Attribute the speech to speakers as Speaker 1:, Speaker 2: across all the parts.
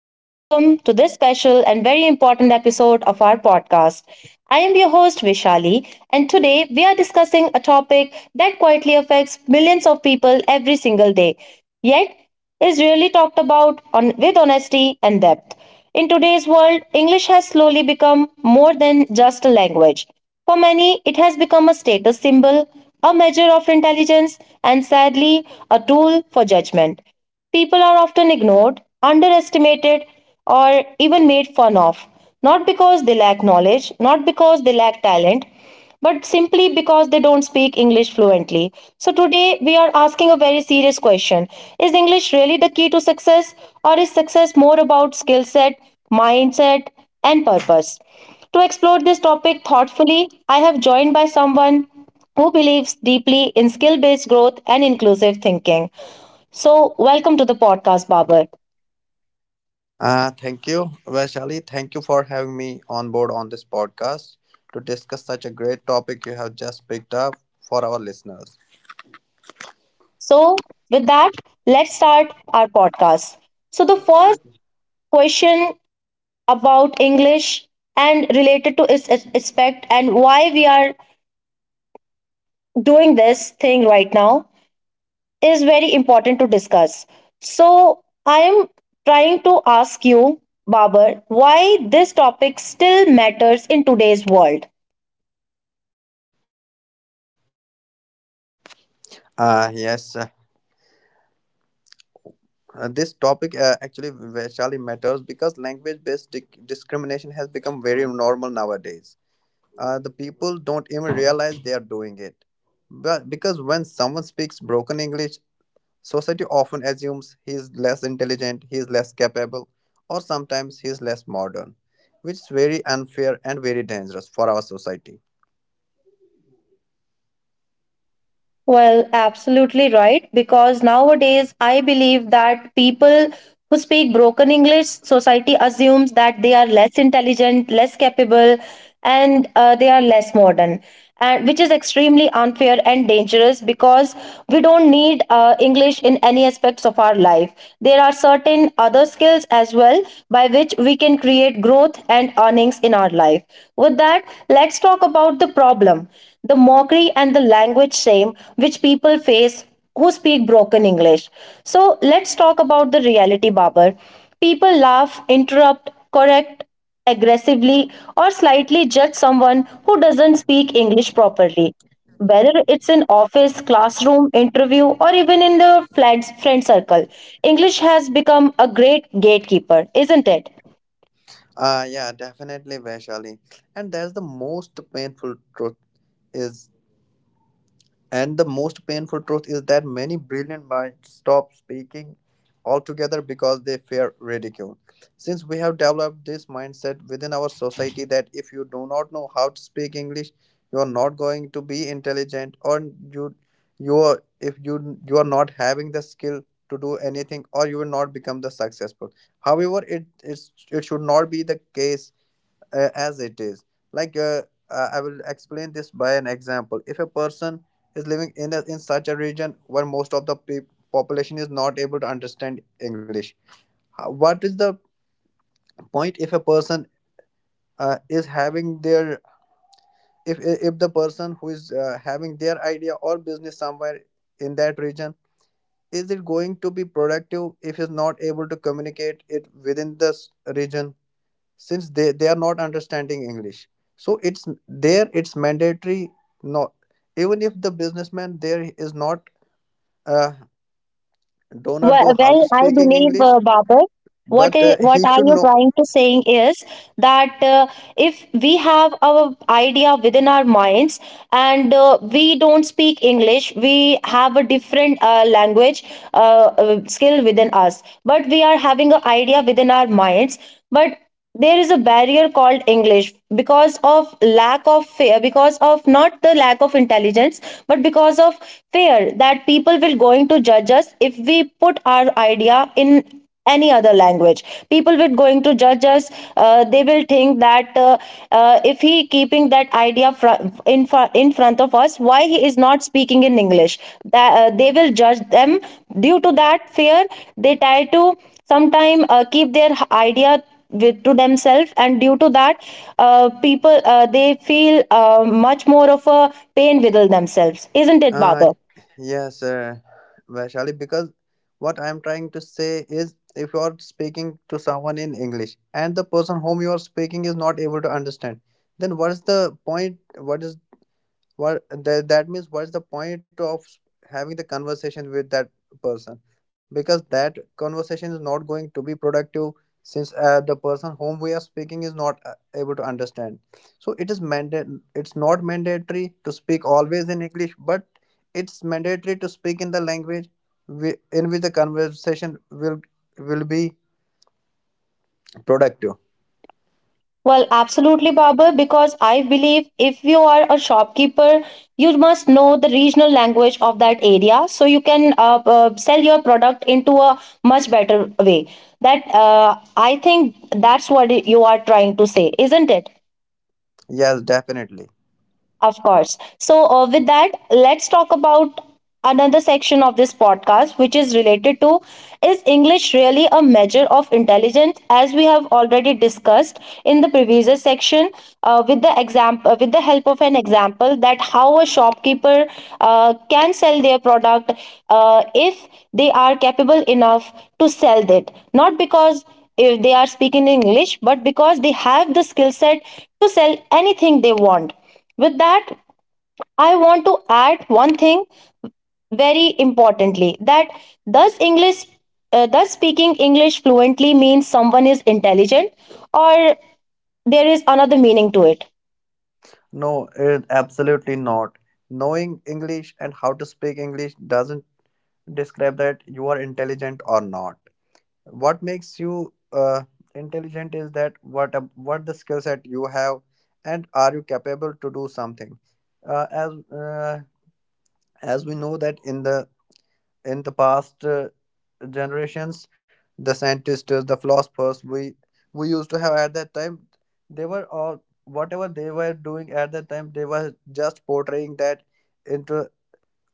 Speaker 1: and welcome to this special and very important episode of our podcast. I am your host, Vishali, and today we are discussing a topic that quietly affects millions of people every single day. Yet, is really talked about on, with honesty and depth. In today's world, English has slowly become more than just a language. For many, it has become a status symbol, a measure of intelligence, and sadly, a tool for judgment. People are often ignored, underestimated, or even made fun of, not because they lack knowledge, not because they lack talent, but simply because they don't speak English fluently. So today we are asking a very serious question. Is English really the key to success or is success more about skill set, mindset and purpose? To explore this topic thoughtfully, I have joined by someone who believes deeply in skill-based growth and inclusive thinking. So, welcome to the podcast, Babar.
Speaker 2: Thank you, Vaishali. Thank you for having me on board on this podcast to discuss such a great topic you have just picked up for our listeners.
Speaker 1: So, with that, let's start our podcast. So, the first question about English and related to its aspect and why we are doing this thing right now is very important to discuss. So I am trying to ask you, Babar, why this topic still matters in today's world.
Speaker 2: Uh, yes, uh, this topic actually, Vaishali, matters because language based discrimination has become very normal nowadays. The people don't even realize they are doing it. But because when someone speaks broken English, society often assumes he is less intelligent, he is less capable, or sometimes he is less modern, which is very unfair and very dangerous for our society.
Speaker 1: Well, absolutely right. Because nowadays, I believe that people who speak broken English, society assumes that they are less intelligent, less capable, and they are less modern, and which is extremely unfair and dangerous because we don't need English in any aspects of our life. There are certain other skills as well by which we can create growth and earnings in our life. With that, let's talk about the problem, the mockery and the language shame which people face who speak broken English. So, let's talk about the reality, Babar. People laugh, interrupt, correct aggressively, or slightly judge someone who doesn't speak English properly. Whether it's in office, classroom, interview, or even in the flat friend circle, English has become a great gatekeeper, isn't it?
Speaker 2: Yeah, definitely, Vaishali. And that's the most painful truth is And the most painful truth is that many brilliant minds stop speaking altogether because they fear ridicule. Since we have developed this mindset within our society that if you do not know how to speak English, you are not going to be intelligent, or you, you are, if you you are not having the skill to do anything, or you will not become the successful. However, it should not be the case as it is. Like uh, I will explain this by an example. If a person is living in in such a region where most of the population is not able to understand English, what is the point if a person is having their if if the person who is having their idea or business somewhere in that region, is it going to be productive if he's not able to communicate it within this region, since they are not understanding English? So it's mandatory, not even if the businessman there is not uh, do not
Speaker 1: Well,
Speaker 2: know how
Speaker 1: well,
Speaker 2: to
Speaker 1: I
Speaker 2: speak in
Speaker 1: believe,
Speaker 2: English,
Speaker 1: Babar,
Speaker 2: but he
Speaker 1: what are
Speaker 2: should
Speaker 1: you
Speaker 2: know.
Speaker 1: trying to saying is that if we have our idea within our minds and we don't speak English, we have a different language skill within us, but we are having an idea within our minds, but there is a barrier called English because of lack of fear, because of not the lack of intelligence but because of fear that people will going to judge us if we put our idea in any other language. People will going to judge us. They will think that if he keeping that idea in front of us, why he is not speaking in English, that they will judge them. Due to that fear, they try to sometime keep their idea with to themselves, and due to that, people, they feel much more of a pain within themselves, isn't it,
Speaker 2: uh,
Speaker 1: Baba?
Speaker 2: yes, Vaishali, because what I am trying to say is, if you are speaking to someone in English and the person whom you are speaking is not able to understand, then what is the point what is what that, that means what's the point of having the conversation with that person, because that conversation is not going to be productive, since the person whom we are speaking is not able to understand. So it is mandate, it's not mandatory to speak always in English, but it's mandatory to speak in the language in which the conversation will be productive.
Speaker 1: Well, absolutely, Babar, because I believe if you are a shopkeeper, you must know the regional language of that area so you can sell your product into a much better way. That, I think that's what you are trying to say, isn't it?
Speaker 2: Yes, definitely.
Speaker 1: Of course. So, with that, let's talk about another section of this podcast, which is related to, is English really a measure of intelligence? As we have already discussed in the previous section, with the example, with the help of an example, that how a shopkeeper can sell their product if they are capable enough to sell it, not because if they are speaking in English, but because they have the skill set to sell anything they want. With that, I want to add one thing very importantly, that does English, does speaking English fluently mean someone is intelligent, or there is another meaning to it?
Speaker 2: No, it, absolutely not. Knowing English and how to speak English doesn't describe that you are intelligent or not. What makes you intelligent is that what the skill set you have and are you capable to do something. uh, as uh, as we know, that in the past generations, the scientists, the philosophers, we used to have at that time, they were all, whatever they were doing at that time, they were just portraying that into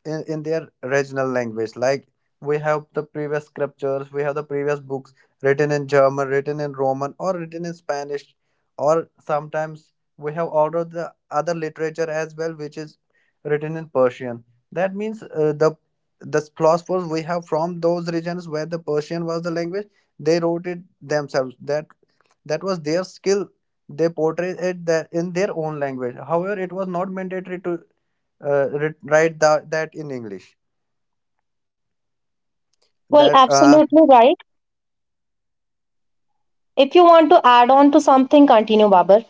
Speaker 2: in their regional language. Like we have the previous scriptures, we have the previous books written in German, written in Roman, or written in Spanish, or sometimes we have all of the other literature as well, which is written in Persian. That means the philosophers we have from those regions where the Persian was the language, they wrote it themselves, that that was their skill. They portrayed it that in their own language. However, it was not mandatory to write that in English.
Speaker 1: Well,
Speaker 2: That
Speaker 1: absolutely right. If you want to add on to something, continue, Babar.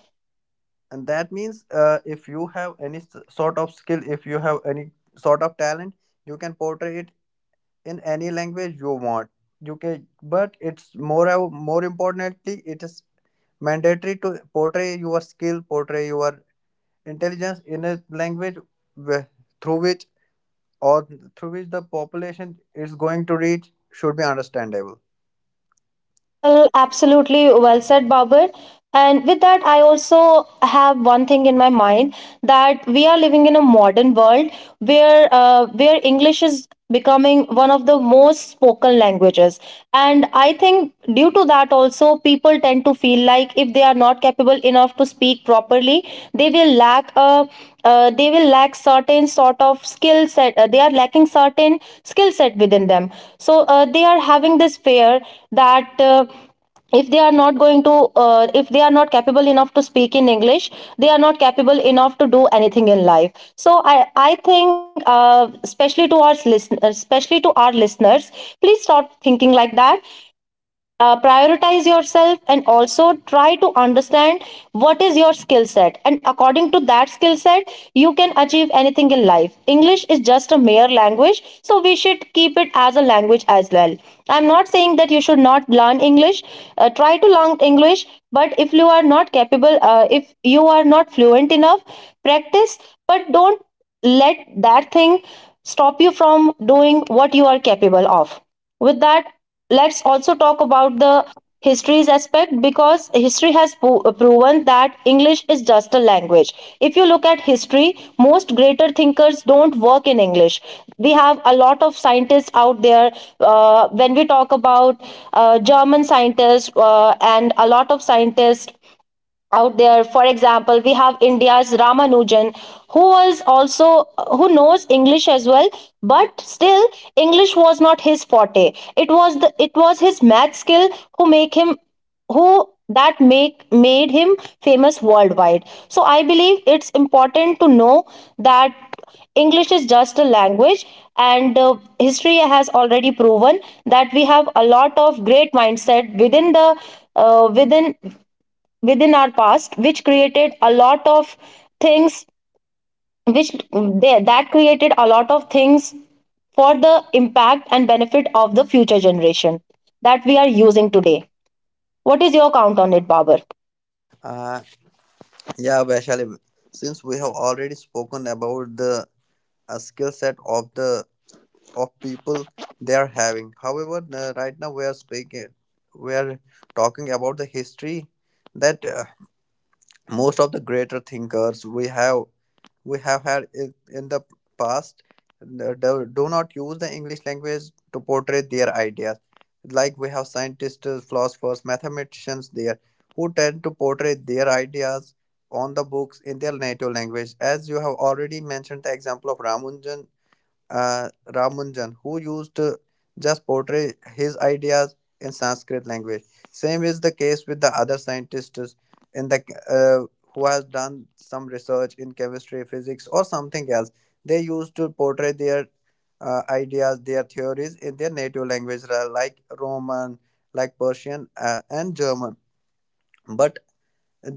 Speaker 2: And that means if you have any sort of skill, if you have any sort of talent, you can portray it in any language you want. You can, but it's more more importantly, it is mandatory to portray your skill, portray your intelligence in a language wh- through which, or through which the population is going to reach, should be understandable.
Speaker 1: Well, absolutely well said, Babur. And with that, I also have one thing in my mind, that we are living in a modern world where, where English is becoming one of the most spoken languages. And I think due to that also, people tend to feel like if they are not capable enough to speak properly, they will lack a, they will lack certain sort of skill set, they are lacking certain skill set within them. So they are having this fear that if they are not going to, if they are not capable enough to speak in English, they are not capable enough to do anything in life. So I think, especially to our listeners, especially to our listeners, please stop thinking like that. Uh, prioritize yourself and also try to understand what is your skill set, and according to that skill set, you can achieve anything in life. English is just a mere language, so we should keep it as a language as well. I'm not saying that you should not learn English. Uh, try to learn English, but if you are not capable, if you are not fluent enough, practice. But don't let that thing stop you from doing what you are capable of. With that, let's also talk about the histories aspect, because history has proven that English is just a language. If you look at history, most greater thinkers don't work in English. We have a lot of scientists out there. When we talk about German scientists, and a lot of scientists out there, for example, we have India's Ramanujan, who was also, who knows English as well, but still English was not his forte. It was the, it was his math skill who make him, who that make made him famous worldwide. So I believe it's important to know that English is just a language, and history has already proven that we have a lot of great mindset within the, within, within our past, which created a lot of things, which they, that created a lot of things for the impact and benefit of the future generation that we are using today. What is your count on it, Babar?
Speaker 2: Uh, Yeah, Vaishali, since we have already spoken about the skill set of the of people they are having. However, right now we are speaking, we are talking about the history, that most of the greater thinkers we have, we have had in the past, do not use the English language to portray their ideas. Like we have scientists, philosophers, mathematicians there, who tend to portray their ideas on the books in their native language, as you have already mentioned the example of ramujan, Ramanjan, who used to just portray his ideas in Sanskrit language. Same is the case with the other scientists in the uh, who has done some research in chemistry, physics, or something else. They used to portray their ideas, their theories in their native language, like Roman, like Persian, and German. But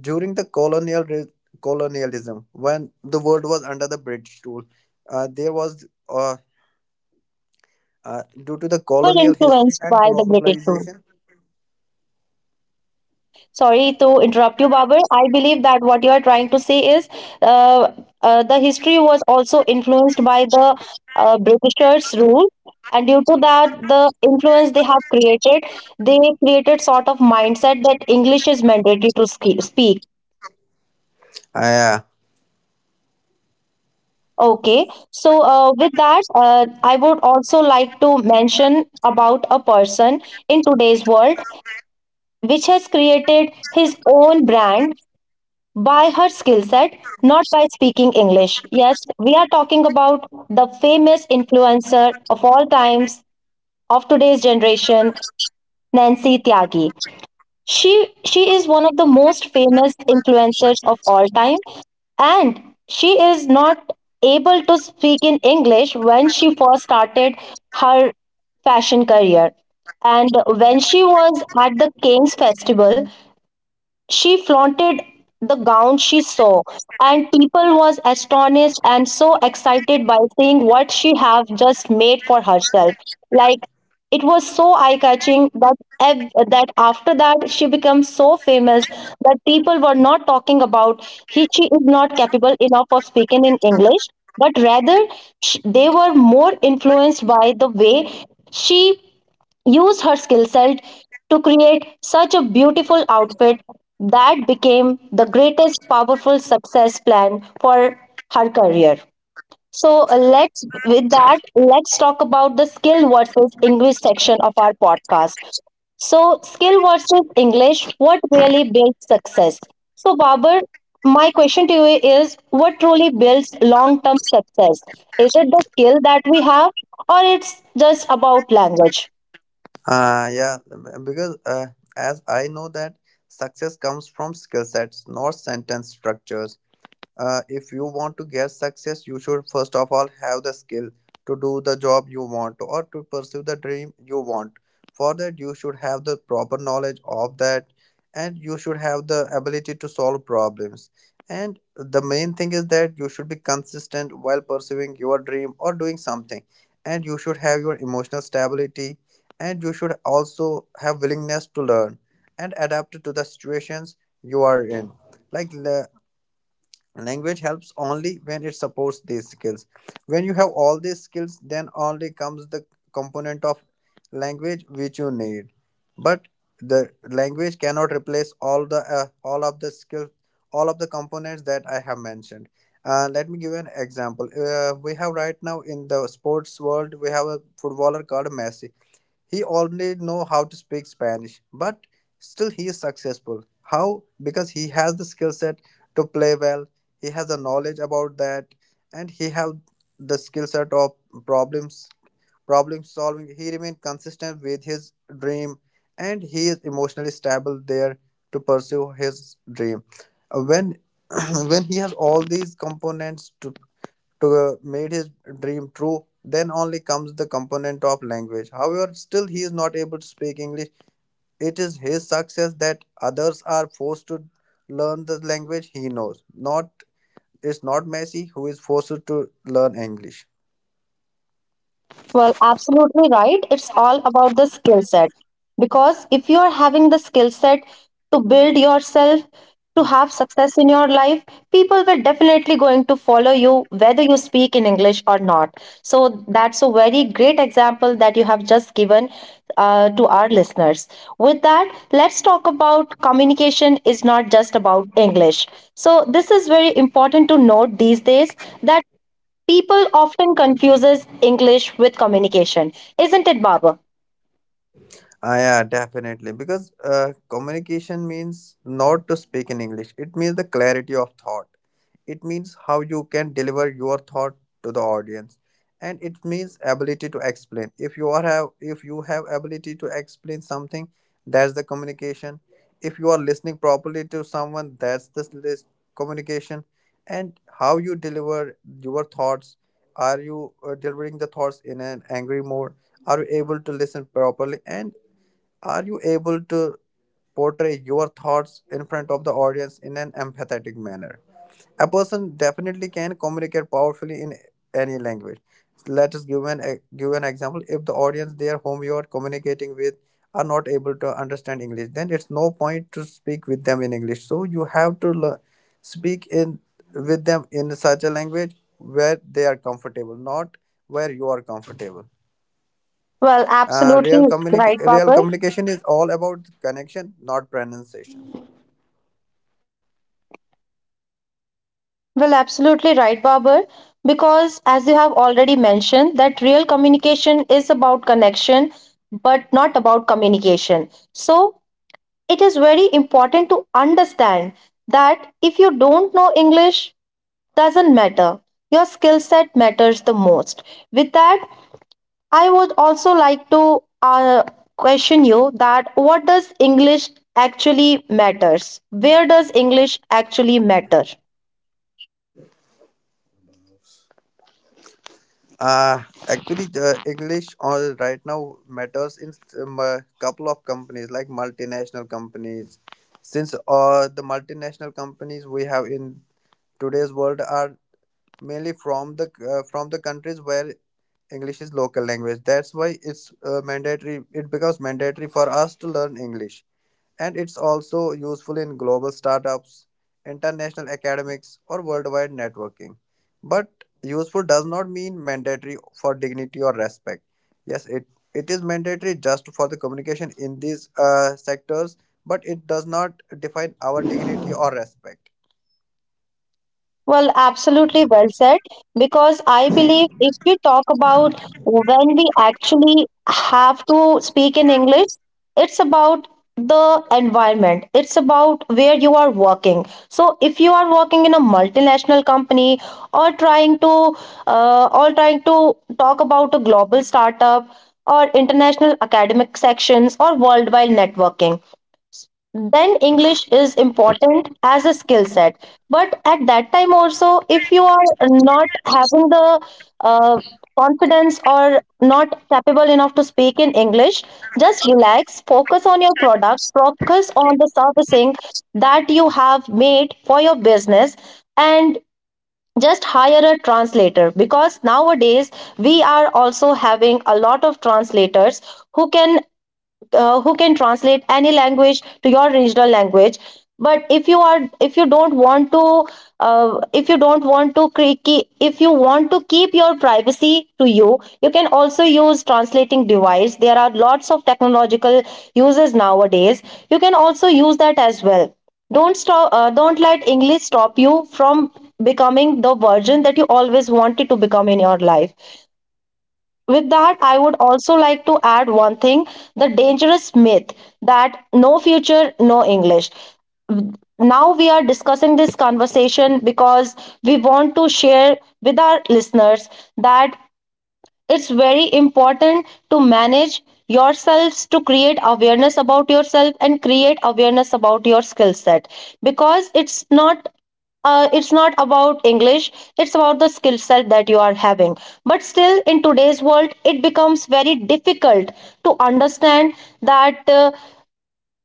Speaker 2: during the colonial colonialism, when the world was under the British rule, there was due to the
Speaker 1: They were
Speaker 2: colonial history
Speaker 1: influenced
Speaker 2: and
Speaker 1: by the British rule.
Speaker 2: globalization.
Speaker 1: Sorry to interrupt you, Babar. I believe that what you are trying to say is uh, the history was also influenced by the Britishers' rule, and due to that, the influence they have created, they created sort of mindset that English is mandatory to speak.
Speaker 2: Uh, yeah,
Speaker 1: Okay, so with that, I would also like to mention about a person in today's world which has created his own brand by her skill set, not by speaking English. Yes, we are talking about the famous influencer of all times of today's generation, Nancy Tyagi. She is one of the most famous influencers of all time, and she is not able to speak in English when she first started her fashion career. And when she was at the King's Festival, she flaunted the gown she saw, and people was astonished and so excited by seeing what she have just made for herself. Like it was so eye catching that that after that she became so famous that people were not talking about he she is not capable enough of speaking in English, but rather they were more influenced by the way she used her skill set to create such a beautiful outfit that became the greatest powerful success plan for her career. So let's, with that, let's talk about the skill versus English section of our podcast. So skill versus English, what really builds success? So Babar, my question to you is, what truly builds long-term success? Is it the skill that we have, or it's just about language?
Speaker 2: yeah, because as I know that success comes from skill sets, not sentence structures. If you want to get success, you should first of all have the skill to do the job you want or to pursue the dream you want. For that, you should have the proper knowledge of that and you should have the ability to solve problems. And the main thing is that you should be consistent while pursuing your dream or doing something. And you should have your emotional stability and you should also have willingness to learn and adapt to the situations you are in. like le- Language helps only when it supports these skills. When you have all these skills, then only comes the component of language which you need. But the language cannot replace all the all of the skills, all of the components that I have mentioned. Let me give you an example. We have right now in the sports world, we have a footballer called Messi. He already know how to speak Spanish, but still he is successful. How? Because he has the skill set to play well. He has the knowledge about that, and he have the skill set of problems problem solving. He remain consistent with his dream, and he is emotionally stable there to pursue his dream. When when he has all these components to made his dream true, then only comes the component of language. However, still he is not able to speak English. It is his success that others are forced to learn the language he knows. Not, it's not Messi who is forced to learn English.
Speaker 1: Well, absolutely right. It's all about the skill set. Because if you are having the skill set to build yourself, to have success in your life, people were definitely going to follow you whether you speak in English or not. So that's a very great example that you have just given to our listeners. With that, let's talk about communication is not just about English. So this is very important to note these days that people often confuses English with communication, isn't it, Babar?
Speaker 2: Yeah, definitely. Because communication means not to speak in English. It means the clarity of thought. It means how you can deliver your thought to the audience, and it means ability to explain. If you have ability to explain something, that's the communication. If you are listening properly to someone, that's the list communication. And how you deliver your thoughts. Are you delivering the thoughts in an angry mode? Are you able to listen properly? And are you able to portray your thoughts in front of the audience in an empathetic manner? A person definitely can communicate powerfully in any language. Let us give an e, give an example. If the audience there whom you are communicating with are not able to understand English, then it's no point to speak with them in English. So you have to learn, speak in with them in such a language where they are comfortable, not where you are comfortable.
Speaker 1: Well, absolutely right,
Speaker 2: Real
Speaker 1: Babar.
Speaker 2: communication is all about connection, not pronunciation.
Speaker 1: Well, absolutely right, Babar. Because as you have already mentioned, that real communication is about connection, but not about communication. So it is very important to understand that if you don't know English, doesn't matter. Your skill set matters the most. With that, I would also like to, question you that, what does English actually matters? Where does English actually matter?
Speaker 2: Actually, the English all right now matters in a couple of companies, like multinational companies. Since the multinational companies we have in today's world are mainly from the countries where English is local language. That's why it's mandatory. It becomes mandatory for us to learn English, and it's also useful in global startups, international academics, or worldwide networking. But useful does not mean mandatory for dignity or respect. Yes, it is mandatory just for the communication in these sectors, but it does not define our dignity or respect.
Speaker 1: Well, absolutely well said. Because I believe if we talk about when we actually have to speak in English, it's about the environment, it's about where you are working. So, if you are working in a multinational company or trying to talk about a global startup or international academic sections or worldwide networking, then english is important as a skill set. But at that time also, if you are not having the uh, confidence or not capable enough to speak in english, just relax, focus on your products, focus on the servicing that you have made for your business, and just hire a translator. Because nowadays we are also having a lot of translators who can who can translate any language to your regional language. But if you don't want to, if you don't want to if you want to keep your privacy to you, you can also use translating device. There are lots of technological uses nowadays, you can also use that as well. Don't stop, don't let english stop you from becoming the version that you always wanted to become in your life. With that, I would also like to add one thing, the dangerous myth that no future, no English. Now we are discussing this conversation because we want to share with our listeners that it's very important to manage yourselves, to create awareness about yourself and create awareness about your skill set. Because it's not about english, it's about the skill set that you are having. But still in today's world, it becomes very difficult to understand that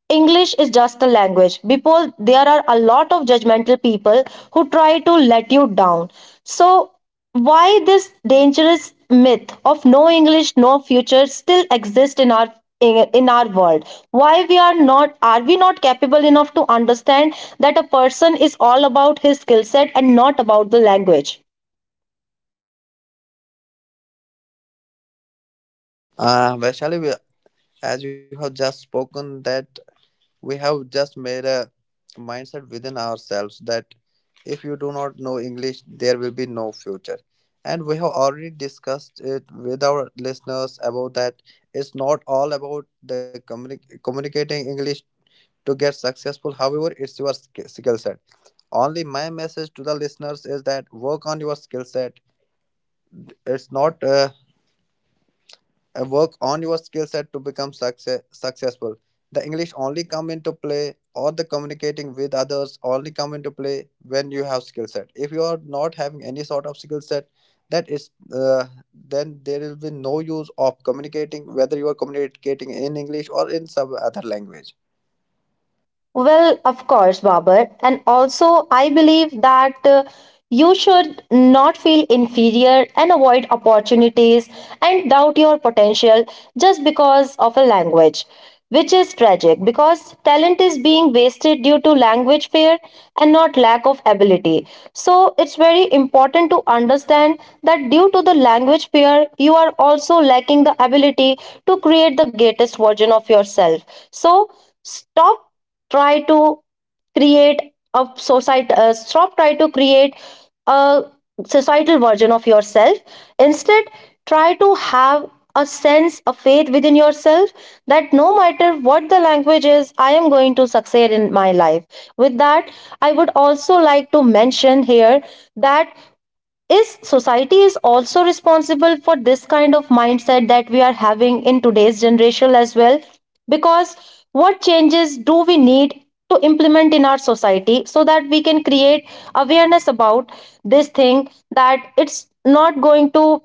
Speaker 1: English is just a language. People, there are a lot of judgmental people who try to let you down. So, why this dangerous myth of no English, no future still exists in our, in our world? Why we are not, are we not capable enough to understand that a person is all about his skill set and not about the language?
Speaker 2: Vaishali, as you have just spoken that, we have just made a mindset within ourselves that if you do not know English, there will be no future. And we have already discussed it with our listeners about that it's not all about the communicating English to get successful. However, it's your skill set. Only my message to the listeners is that work on your skill set. It's not work on your skill set to become successful. The english only come into play or the communicating with others only come into play when you have skill set. If you are not having any sort of skill set, that is then there will be no use of communicating whether you are communicating in english or in some other language.
Speaker 1: Well, of course, Babar. And also, I believe that you should not feel inferior and avoid opportunities and doubt your potential just because of a language, which is tragic because talent is being wasted due to language fear and not lack of ability. So, it's very important to understand that due to the language fear, you are also lacking the ability to create the greatest version of yourself. So, stop, try to create a society stop, try to create a societal version of yourself. Instead, try to have a sense of faith within yourself that no matter what the language is, I am going to succeed in my life. With that, I would also like to mention here that is society is also responsible for this kind of mindset that we are having in today's generation as well. Because what changes do we need to implement in our society so that we can create awareness about this thing, that it's not going to,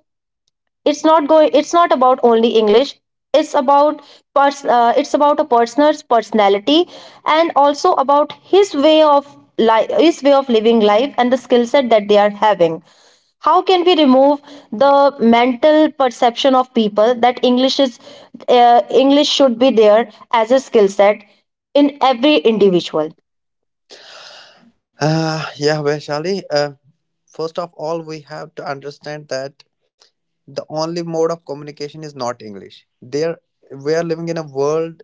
Speaker 1: it's not about only english, it's about it's about a person's personality and also about his way of life, his way of living life, and the skill set that they are having. How can we remove the mental perception of people that english is english should be there as a skill set in every individual?
Speaker 2: Yeah Vaishali, first of all we have to understand that the only mode of communication is not english. There we are living in a world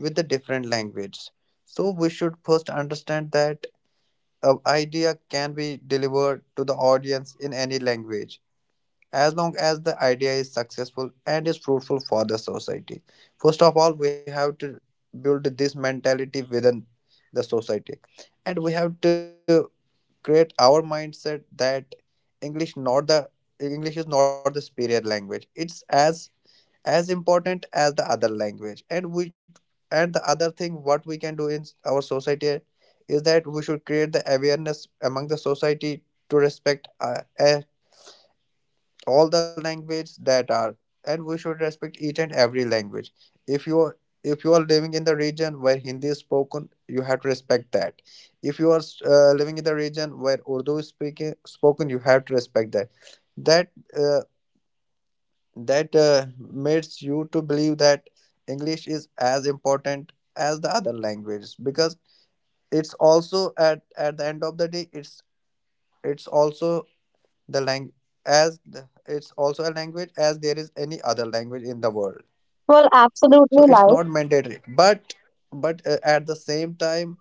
Speaker 2: with the different language. So we should first understand that an idea can be delivered to the audience in any language as long as the idea is successful and is fruitful for the society. First of all, we have to build this mentality within the society, and we have to create our mindset that English not the English is not the superior language. It's as important as the other language, and we and the other thing what we can do in our society is that we should create the awareness among the society to respect all the language that are, and we should respect each and every language. If you are, if you are living in the region where hindi is spoken, you have to respect that. If you are living in the region where urdu is speaking spoken, you have to respect that. That uh, that uh, makes you to believe that english is as important as the other languages, because it's also at the end of the day, it's also the language, it's also a language as there is any other language in the world.
Speaker 1: Well,
Speaker 2: So
Speaker 1: absolutely,
Speaker 2: it's
Speaker 1: like.
Speaker 2: not mandatory, but at the same time,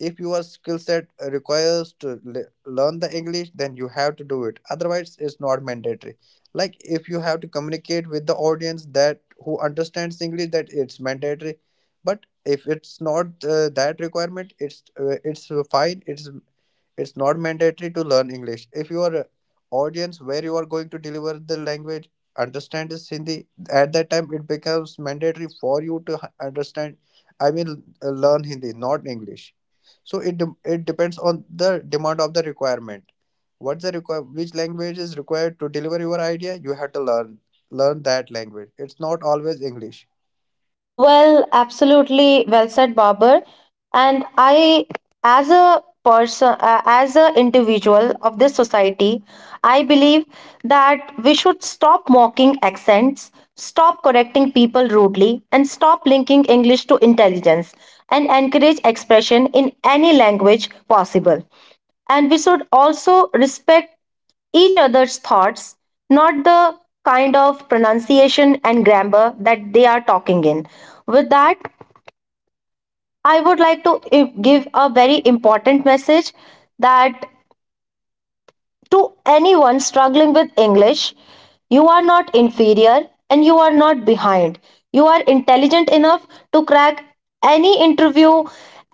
Speaker 2: if your skill set requires to learn the english, then you have to do it, otherwise it's not mandatory. Like if you have to communicate with the audience that who understands english, that it's mandatory. But if it's not that requirement, it's fine, it's not mandatory to learn English. If your audience where you are going to deliver the language understand is Hindi, at that time it becomes mandatory for you to understand. I mean, learn Hindi, not English. So it depends on the demand of the requirement. What's the require? Which language is required to deliver your idea? You have to learn that language. It's not always English.
Speaker 1: Well, absolutely well said, Babar. And I, as a person, as an individual of this society, I believe that we should stop mocking accents, stop correcting people rudely, and stop linking English to intelligence and encourage expression in any language possible. And we should also respect each other's thoughts, not the kind of pronunciation and grammar that they are talking in. With that, I would like to give a very important message, that to anyone struggling with English, you are not inferior and you are not behind. You are intelligent enough to crack any interview,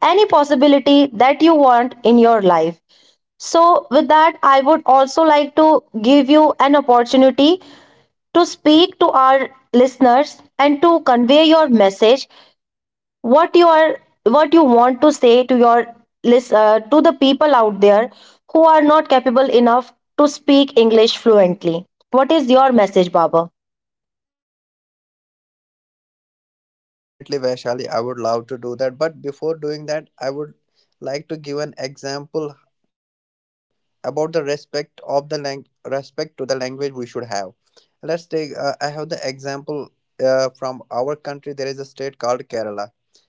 Speaker 1: any possibility that you want in your life. So, with that, I would also like to give you an opportunity to speak to our listeners and to convey your message, what you are, what you want to say to your list to the people out there who are not capable enough to speak english fluently. What is your message, baba?
Speaker 2: Definitely, Vaishali, I would love to do that. But before doing that, I would like to give an example about the respect of respect to the language we should have. Let's take I have the example from our country. There is a state called Kerala,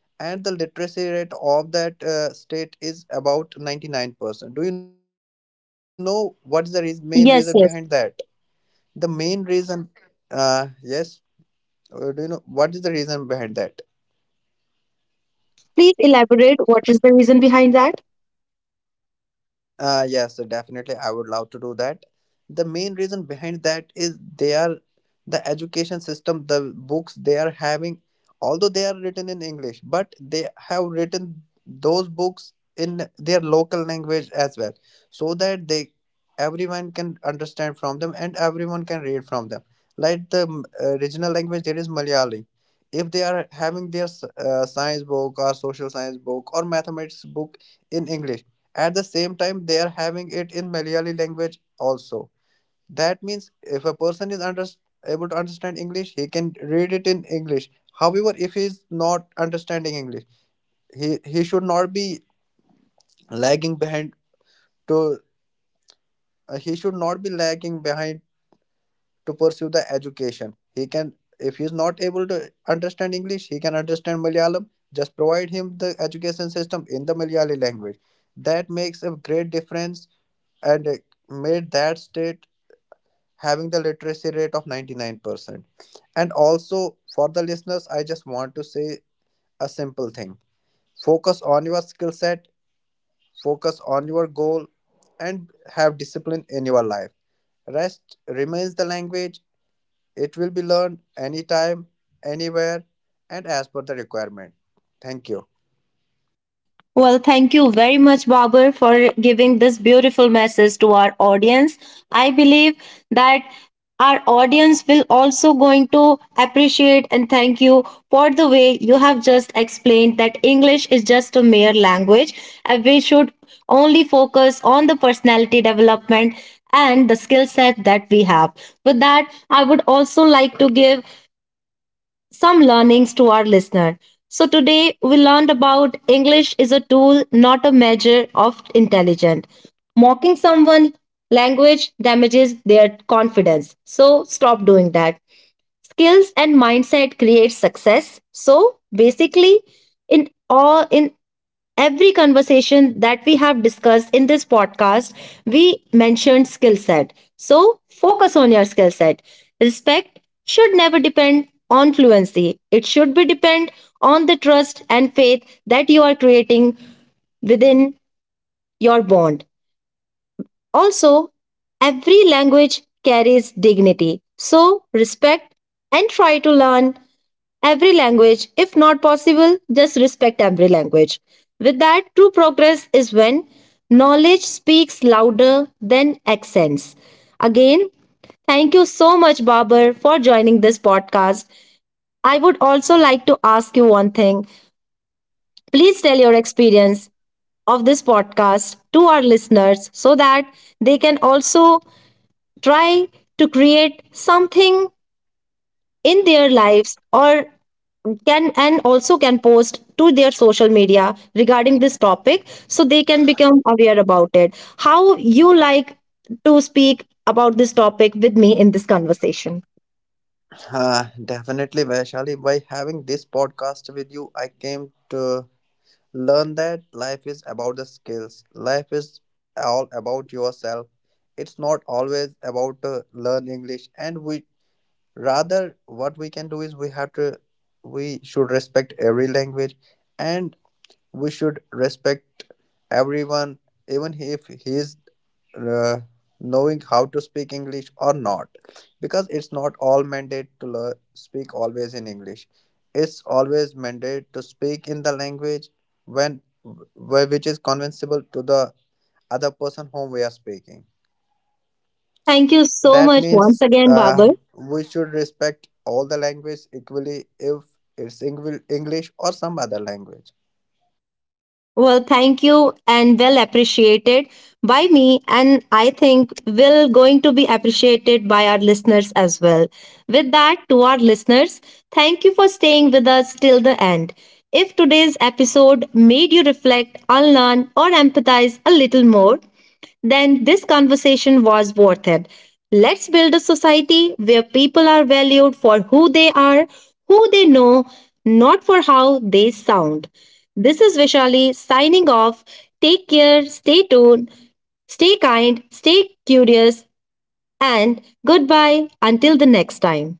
Speaker 2: and the literacy rate of that state is about 99%. Do you know what's the reas main reason behind that?
Speaker 1: Yes, yes.
Speaker 2: The main reason, yes. Do you know what is the reason behind that?
Speaker 1: Please elaborate, what is the reason behind that?
Speaker 2: Yes, so definitely. I would love to do that. The main reason behind that is the education system, the books they are having, although they are written in English, but they have written those books in their local language as well, so that they everyone can understand from them and everyone can read from them. Like the original language, there is Malayali. If they are having their science book or social science book or mathematics book in English, at the same time, they are having it in Malayali language also. That means if a person is able to understand English, he can read it in English. However, if he is not understanding English, he should not be lagging behind to he should not be lagging behind to pursue the education. He can, if he is not able to understand English, he can understand Malayalam. Just provide him the education system in the Malayali language. That makes a great difference, and made that state having the literacy rate of 99%. And also, for the listeners, I just want to say a simple thing: focus on your skill set, focus on your goal, and have discipline in your life. Rest remains the language, it will be learned anytime, anywhere, and as per the requirement. Thank you.
Speaker 1: Well, thank you very much, Babur, for giving this beautiful message to our audience. I believe that our audience will also going to appreciate and thank you for the way you have just explained that English is just a mere language and we should only focus on the personality development and the skill set that we have. With that, I would also like to give some learnings to our listener. So today we learned about English is a tool, not a measure of intelligence. Mocking someone language damages their confidence. So stop doing that. Skills and mindset create success. So basically in every conversation that we have discussed in this podcast, we mentioned skill set. So focus on your skill set. Respect should never depend on fluency. It should be depend on the trust and faith that you are creating within your bond. Also, every language carries dignity. So, respect and try to learn every language. If not possible, just respect every language. With that, true progress is when knowledge speaks louder than accents. Again, thank you so much, Babar, for joining this podcast. I would also like to ask you one thing. Please tell your experience of this podcast to our listeners so that they can also try to create something in their lives, or can, and also can post to their social media regarding this topic so they can become aware about it. How you like to speak about this topic with me in this conversation?
Speaker 2: Definitely, Vaishali. By having this podcast with you, I came to learn that life is about the skills. Life is all about yourself. It's not always about learn English. And we rather what we can do is we have to we should respect every language, and we should respect everyone, even if he is uh, knowing how to speak English or not, because it's not all mandate to learn, speak always in English. It's always mandate to speak in the language which is convincible to the other person whom we are speaking.
Speaker 1: Thank you so
Speaker 2: That
Speaker 1: much once
Speaker 2: means
Speaker 1: again, Babar.
Speaker 2: we should respect all the language equally if it's English or some other language.
Speaker 1: Well, thank you and well appreciated by me, and I think will going to be appreciated by our listeners as well. With that, to our listeners, thank you for staying with us till the end. If today's episode made you reflect, unlearn or empathize a little more, then this conversation was worth it. Let's build a society where people are valued for who they are, who they know, not for how they sound. This is Vishali signing off. Take care, stay tuned, stay kind, stay curious, and goodbye until the next time.